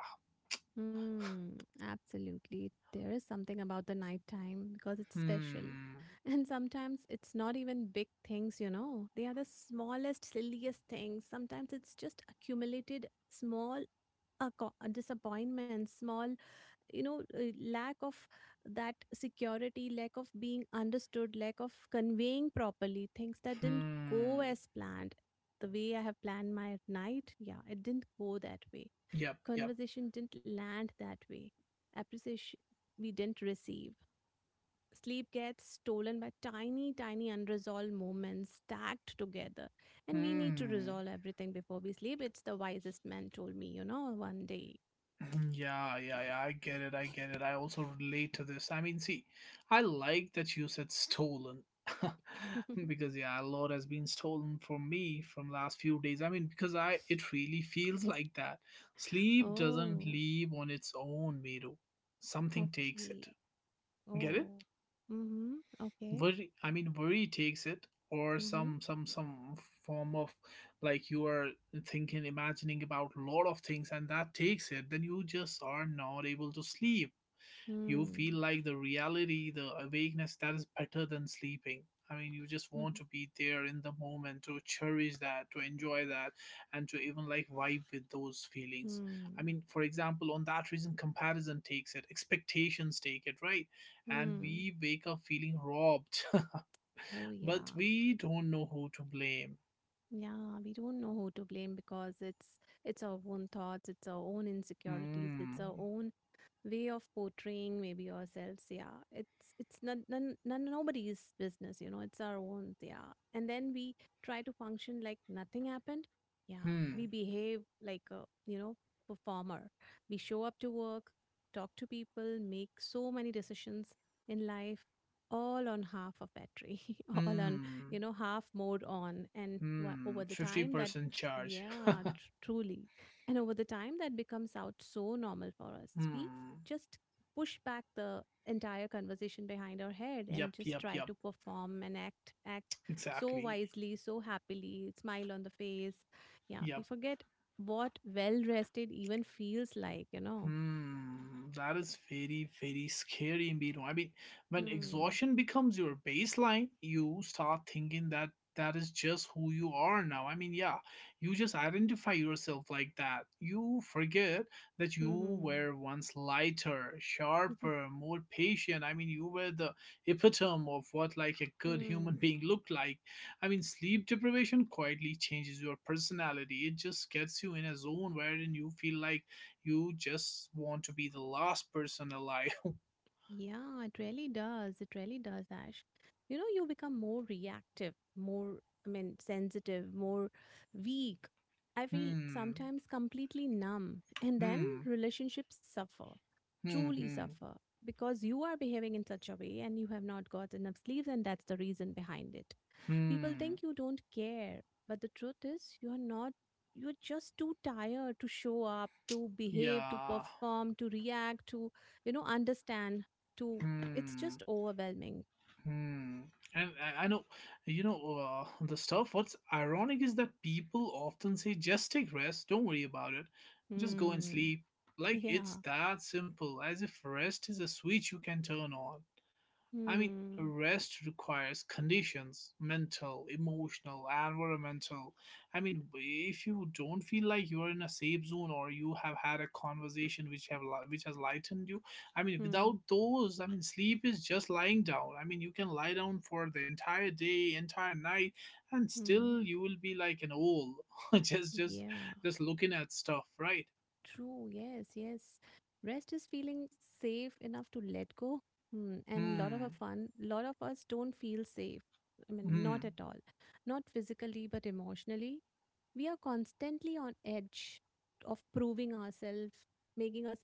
B: Hmm. Absolutely. There is something about the nighttime because it's special.
A: Hmm.
B: And sometimes it's not even big things, you know. They are the smallest, silliest things. Sometimes it's just accumulated small disappointments, small, lack of that security, lack of being understood, lack of conveying properly things that didn't go
A: Hmm.
B: as planned. The way I have planned my night, yeah, it didn't go that way.
A: Yep. Yep.
B: Conversation didn't land that way. Appreciation we didn't receive. Sleep gets stolen by tiny, tiny unresolved moments stacked together. And we need to
A: Hmm.
B: resolve everything before we sleep. It's the wisest man told me, one day.
A: Yeah, yeah, yeah. I get it. I get it. I also relate to this. I mean, see, I like that you said stolen because yeah, a lot has been stolen from me from last few days. I mean, because I it really feels like that. Sleep doesn't
B: Oh,
A: leave on its own, Miru. Something takes
B: okay.
A: it. Get it?
B: Oh. Mm-hmm. Okay.
A: Worry, I mean, worry takes it, or
B: Mm-hmm.
A: some form of, like, you are thinking, imagining about a lot of things, and that takes it. Then you just are not able to sleep. You
B: Hmm.
A: feel like the reality, the awakeness, that is better than sleeping. I mean, you just want to be there in the moment to cherish that, to enjoy that, and to even like vibe with those feelings. I
B: Hmm.
A: mean, for example, on that reason, comparison takes it, expectations take it, right? And
B: Hmm.
A: we wake up feeling robbed,
B: Oh,
A: but
B: yeah.
A: we don't know who to blame.
B: Yeah, we don't know who to blame because it's our own thoughts, it's our own insecurities, it's
A: Hmm.
B: our own way of portraying maybe yourselves. Yeah, it's none, none, none nobody's business, you know, it's our own. Yeah. And then we try to function like nothing happened. Yeah, we
A: Hmm.
B: behave like a, you know performer. We show up to work, talk to people, make so many decisions in life, all on half a battery. All on,
A: Hmm.
B: half mode on. And
A: Hmm.
B: over the time, that.
A: 50% charge.
B: Yeah, truly. And over the time, that becomes out so normal for us. We
A: Hmm.
B: just push back the entire conversation behind our head, and
A: Yep.
B: just
A: Yep.
B: try
A: Yep.
B: to perform and act so
A: Exactly.
B: wisely, so happily, smile on the face. Yeah, we
A: Yep.
B: forget what well rested even feels like, you know.
A: Hmm, that is very, very scary, Miro. I mean, when
B: Hmm.
A: exhaustion becomes your baseline, you start thinking that that is just who you are now. I mean, yeah, you just identify yourself like that. You forget that you
B: Hmm.
A: were once lighter,
B: Hmm.
A: sharper, more patient. I mean, you were the epitome of what like a good human being looked like. I mean, sleep deprivation quietly changes your personality. It just gets you in a zone wherein you feel like you just want to be the last person alive.
B: Yeah, it really does. It really does, Ash. You know, you become more reactive, more, I mean, sensitive, more weak. I feel
A: Hmm.
B: sometimes completely numb. And then
A: Hmm.
B: relationships suffer,
A: Hmm.
B: truly
A: Hmm.
B: suffer, because you are behaving in such a way, and you have not got enough sleeves, and that's the reason behind it. People
A: Hmm.
B: think you don't care, but the truth is, you're not. You're just too tired to show up, to behave, to
A: Yeah.
B: perform, to react, to, you know, understand, to. It's
A: Hmm.
B: just overwhelming.
A: Hmm. And I know, you know, the stuff. What's ironic is that people often say, just take rest. Don't worry about it. Just go and
B: Hmm.
A: sleep. Like it's
B: Yeah.
A: that simple, as if rest is a switch you can turn on. I mean,
B: Hmm.
A: rest requires conditions, mental, emotional, environmental. I mean, if you don't feel like you're in a safe zone or you have had a conversation which which has lightened you, I mean,
B: Hmm.
A: without those, I mean, sleep is just lying down. I mean, you can lie down for the entire day, entire night, and
B: Hmm.
A: still you will be like an owl, just just
B: Yeah.
A: just looking at stuff, right?
B: True. Yes. Yes. Rest is feeling safe enough to let go. Hmm. And lot of our
A: Hmm.
B: fun, lot of us don't feel safe. I mean,
A: Hmm.
B: not at all. Not physically, but emotionally, We are constantly on edge of proving ourselves, making us,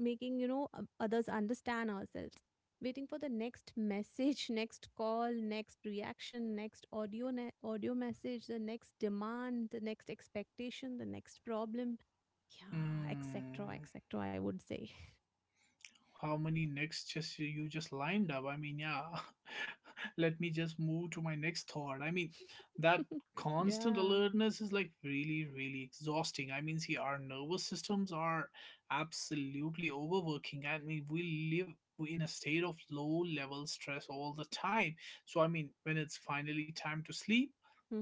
B: making others understand ourselves, waiting for the next message, next call, next reaction, next audio, audio message, the next demand, the next expectation, the next problem, yeah, etc,
A: Hmm.
B: etc, I would say.
A: How many next just you just lined up? I mean, yeah, let me just move to my next thought. I mean, that constant
B: Yeah.
A: alertness is like really, really exhausting. I mean, see, our nervous systems are absolutely overworking. I mean, we live in a state of low level stress all the time. So I mean, when it's finally time to sleep,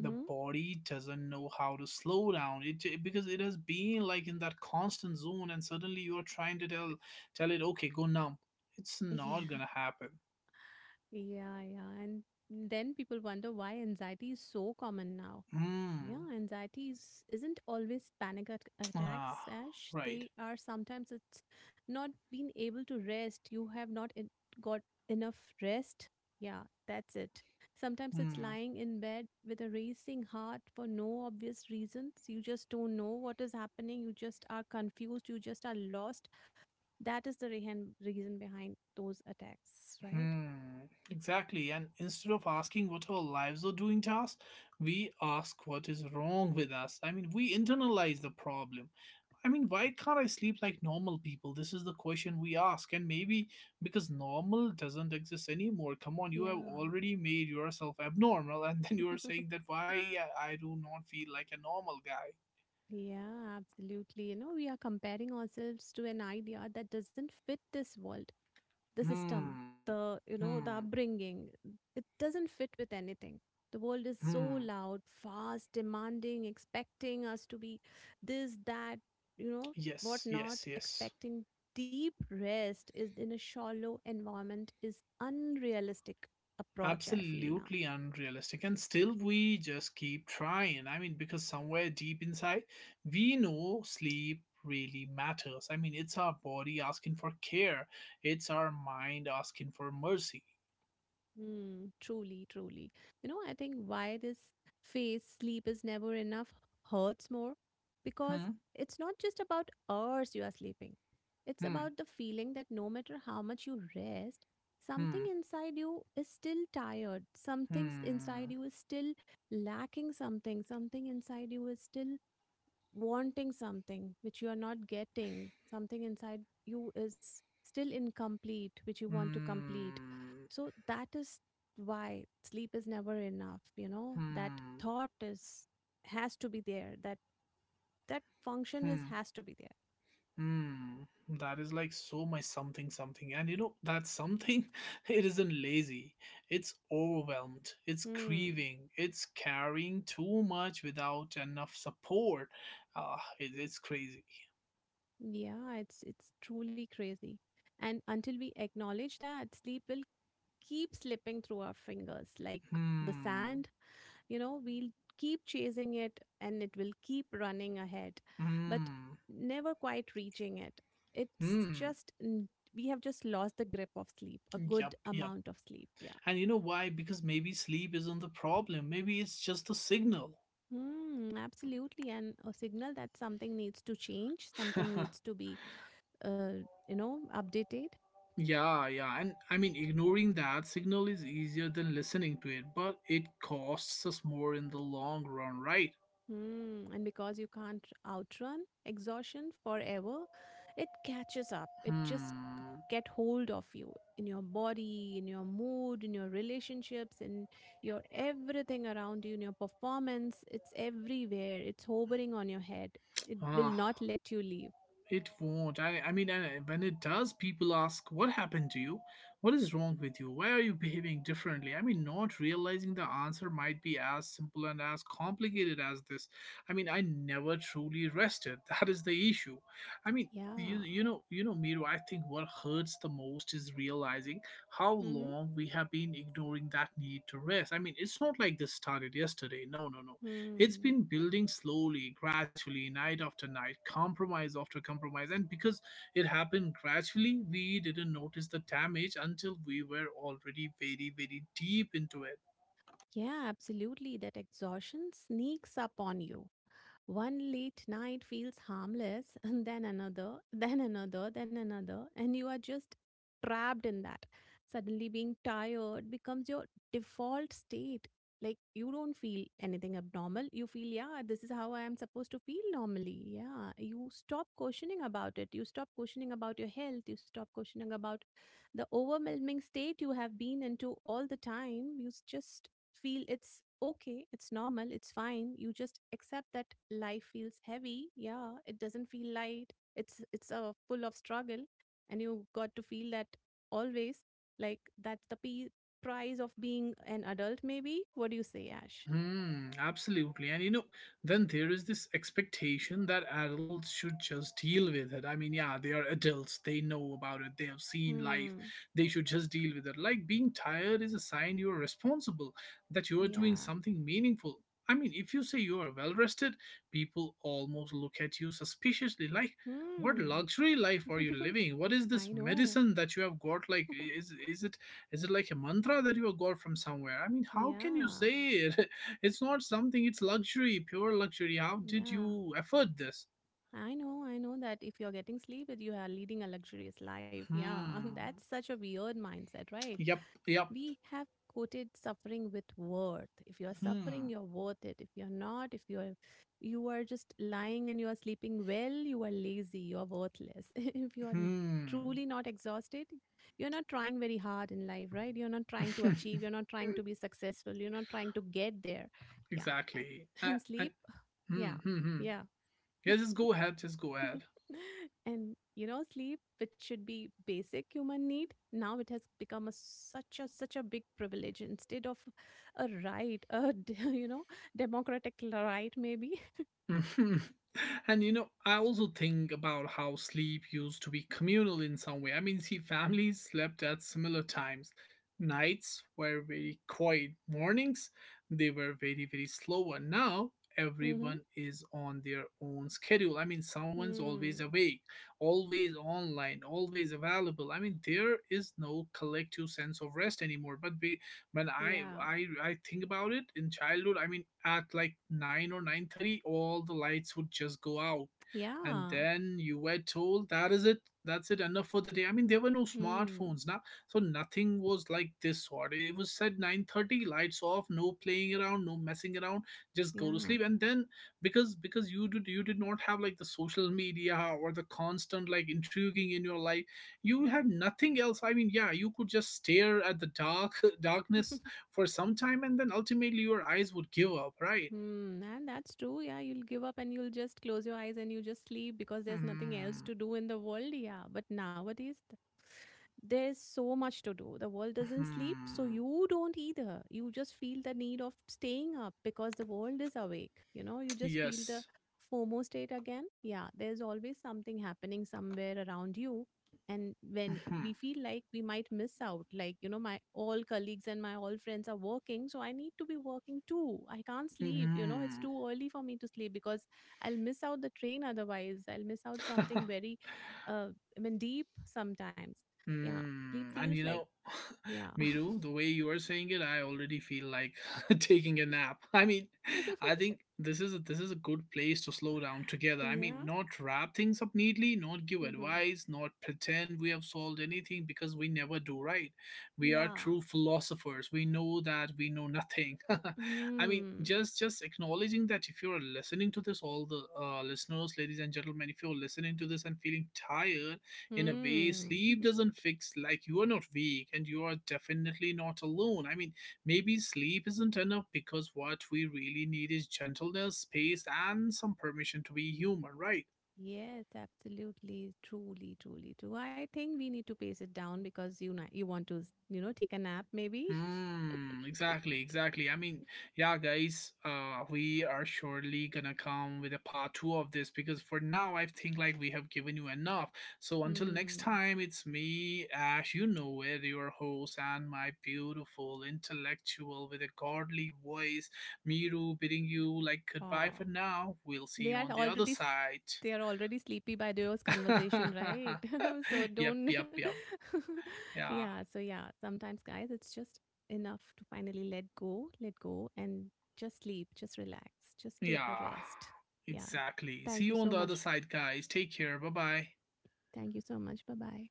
A: the body doesn't know how to slow down, because it has been like in that constant zone, and suddenly you are trying to tell, tell it, okay, go now. It's not
B: Yeah,
A: gonna happen.
B: yeah. And then people wonder why anxiety is so common now.
A: Hmm.
B: Yeah, anxieties isn't always panic at-
A: Ah,
B: attacks, Ash.
A: right.
B: They are, sometimes it's not being able to rest. You have not en- got enough rest. Yeah, that's it. Sometimes it's
A: Hmm.
B: lying in bed with a racing heart for no obvious reasons. You just don't know what is happening. You just are confused. You just are lost. That is the reason behind those attacks, right?
A: Hmm. Exactly. And instead of asking what our lives are doing to us, we ask what is wrong with us. I mean, we internalize the problem. I mean, why can't I sleep like normal people? This is the question we ask. And maybe because normal doesn't exist anymore. Come on, you have
B: Yeah.
A: already made yourself abnormal, and then you are saying that why I do not feel like a normal guy.
B: Yeah, absolutely. You know, we are comparing ourselves to an idea that doesn't fit this world, the system,
A: Hmm.
B: the, you know,
A: Hmm.
B: the upbringing. It doesn't fit with anything. The world is so
A: Hmm.
B: loud, fast, demanding, expecting us to be this, that, you know, what
A: Yes,
B: not,
A: yes, yes.
B: expecting deep rest is in a shallow environment is unrealistic approach, I feel now.
A: Absolutely unrealistic. And still, we just keep trying. I mean, because somewhere deep inside, we know sleep really matters. I mean, it's our body asking for care, it's our mind asking for mercy.
B: Mm, truly, truly. You know, I think why this phase sleep is never enough hurts more because
A: Hmm.
B: it's not just about hours you are sleeping. It's about
A: Hmm.
B: the feeling that no matter how much you rest, something
A: Hmm.
B: inside you is still tired. Something
A: Hmm.
B: inside you is still lacking something. Something inside you is still wanting something which you are not getting, something inside you is still incomplete, which you want to complete.
A: Hmm.
B: So that is why sleep is never enough, you know, that
A: Hmm.
B: thought is has to be there, that that function is
A: Hmm.
B: has to be there.
A: Hmm, that is like so much something something. And you know, that something, it isn't lazy. It's overwhelmed. It's
B: Hmm.
A: grieving. It's carrying too much without enough support. Ah, it's crazy.
B: Yeah, it's truly crazy. And until we acknowledge that, sleep will keep slipping through our fingers like the
A: Hmm,
B: sand. You know, we'll keep chasing it and it will keep running ahead, but
A: hmm,
B: never quite reaching it. it's
A: hmm.
B: just n- we have just lost the grip of sleep, a good
A: Yup, yup.
B: amount of sleep, yeah.
A: And you know why? Because maybe sleep isn't the problem. Maybe it's just a signal.
B: Hmm, absolutely, and a signal that something needs to change, something needs to be you know, updated.
A: Yeah, yeah. And I mean, ignoring that signal is easier than listening to it, but it costs us more in the long run, right?
B: Hmm, and because you can't outrun exhaustion forever, it catches up. It just
A: Hmm.
B: get hold of you, in your body, in your mood, in your relationships, in your everything around you, in your performance. It's everywhere. It's hovering on your head. It will
A: Ah.
B: not let you leave.
A: It won't. I mean, when it does, people ask, what happened to you? What is wrong with you? Why are you behaving differently? I mean, not realizing the answer might be as simple and as complicated as this. I mean, I never truly rested. That is the issue. I mean,
B: Yeah.
A: you know Miru, I think what hurts the most is realizing how
B: Mm-hmm.
A: long we have been ignoring that need to rest. I mean, it's not like this started yesterday. No, no, no, it's
B: Hmm.
A: been building slowly, gradually, night after night, compromise after compromise. And because it happened gradually, we didn't notice the damage until we were already very, very deep into it.
B: Yeah, absolutely. That exhaustion sneaks up on you. One late night feels harmless, and then another, then another, then another, and you are just trapped in that. Suddenly, being tired becomes your default state. Like, you don't feel anything abnormal. You feel, yeah, this is how I am supposed to feel normally. Yeah. You stop questioning about it. You stop questioning about your health. You stop questioning about the overwhelming state you have been into all the time. You just feel it's okay, it's normal, it's fine. You just accept that life feels heavy. Yeah, it doesn't feel light. It's a full of struggle, and you got to feel that always. Like price of being an adult. Maybe. What do you say, Ash?
A: Hmm, absolutely. And you know, then there is this expectation that adults should just deal with it. I mean, yeah, they are adults, they know about it, they have seen life,
B: Hmm.
A: they should just deal with it. Like being tired is a sign you are responsible, that you are doing
B: Yeah.
A: something meaningful. I mean, if you say you are well rested, people almost look at you suspiciously like, what
B: Hmm.
A: luxury life are you living? What is
B: I
A: this
B: know.
A: medicine that you have got? Like, is is it is it like a mantra that you have got from somewhere? I mean, how can you
B: Yeah,
A: say it? It's not something, it's luxury, pure luxury. How did
B: yeah.
A: you afford this?
B: I know that if you're getting sleep, that you are leading a luxurious life. Yeah,
A: Hmm.
B: that's such a weird mindset, right?
A: Yep, yep.
B: We have quoted suffering with worth. If you're suffering,
A: Hmm.
B: you're worth it. If you're not, if you're, you are just lying and you are sleeping well, you are lazy, you are worthless, if you are n-
A: Hmm.
B: truly not exhausted, you're not trying very hard in life, right? You're not trying to achieve, you're not trying to be successful, you're not trying to get there. Yeah,
A: Exactly. I,
B: and
A: and,
B: sleep,
A: hmm,
B: yeah,
A: hmm, hmm.
B: yeah.
A: Yeah, just go ahead, just go ahead.
B: And you know, sleep, which should be basic human need, now it has become a such a such a big privilege instead of a right, you know, democratic right, maybe.
A: Mhm. And you know, I also think about how sleep used to be communal in some way. I mean, see, families slept at similar times. Nights were very quiet, mornings they were very, very slow, and now
B: Mm-hmm.
A: everyone is on their own schedule. I mean, someone's always
B: Hmm.
A: awake, always online, always available. I mean, there is no collective sense of rest anymore, but when I
B: Yeah.
A: I I think about it in childhood, I mean at like 9 or 9:30 all the lights would just go out, and
B: Yeah.
A: then you were told that is it, that's it, enough for the day. I mean, there were no
B: Hmm.
A: smartphones now, so nothing was like this sort. It was said, 9:30 lights off, no playing around, no messing around, just go to
B: Yeah.
A: sleep. And then because you did not have like the social media or the constant like intriguing in your life, you had nothing else. I mean, yeah, you could just stare at the dark darkness for some time, and then ultimately your eyes would give up, right?
B: Hmm, and that's true. Yeah, you'll give up and you'll just close your eyes and you just sleep because there's nothing else
A: Hmm.
B: to do in the world. Yeah, but there's so much to do. The world doesn't sleep, so
A: Hmm.
B: you don't either. You just feel the need of staying up because the world is awake. You know, you just feel the
A: Yes.
B: FOMO state again. Yeah, there's always something happening somewhere around you, and when
A: Hmm.
B: we feel like we might miss out, like, you know, my all colleagues and my all friends are working, so I need to be working too. I can't sleep, you know, it's
A: Hmm.
B: too early for me to sleep because I'll miss out the train, otherwise I'll miss out something very, uh I mean, deep sometimes. Yeah, sleep
A: Mm,
B: feels
A: and you
B: like,
A: know,
B: yeah.
A: Miru, the way you are saying it, I already feel like taking a nap. I mean, I think this is a good place to slow down together. I mean,
B: Yeah.
A: not wrap things up neatly, not give
B: Mm-hmm.
A: advice, not pretend we have solved anything, because we never do, right? We are
B: Yeah.
A: true philosophers. We know that we know nothing. I mean,
B: Hmm.
A: just acknowledging that if you are listening to this, all the listeners, ladies and gentlemen, if you're listening to this and feeling tired in a way
B: Hmm.
A: sleep doesn't fix, like, you are not weak and you are definitely not alone. I mean, maybe sleep isn't enough, because what we really need is gentleness, space, and some permission to be human, right?
B: Yes, absolutely, truly, truly true. I think we need to pace it down because you you want to, you know, take a nap maybe.
A: Hmm, exactly, exactly. I mean, yeah, guys, we are surely gonna come with a part two of this, because for now, I think like we have given you enough. So until next
B: Hmm.
A: time, it's me, Ash, you know it, your host, and my beautiful intellectual with a godly voice, Miru, bidding you like goodbye
B: Oh,
A: for now. We'll see
B: They
A: you
B: are
A: on the other
B: already s-
A: side.
B: they are already sleepy by those conversation, right? So
A: Yep,
B: don't.
A: yep, yep. Yeah.
B: Yeah, so yeah, sometimes guys it's just enough to finally let go, let go, and just sleep, just relax, just take a
A: Yeah,
B: rest. Yeah.
A: exactly. See
B: Thank you
A: you on
B: so
A: the other
B: much.
A: side, guys. Take care. Bye bye.
B: Thank you so much. Bye-bye.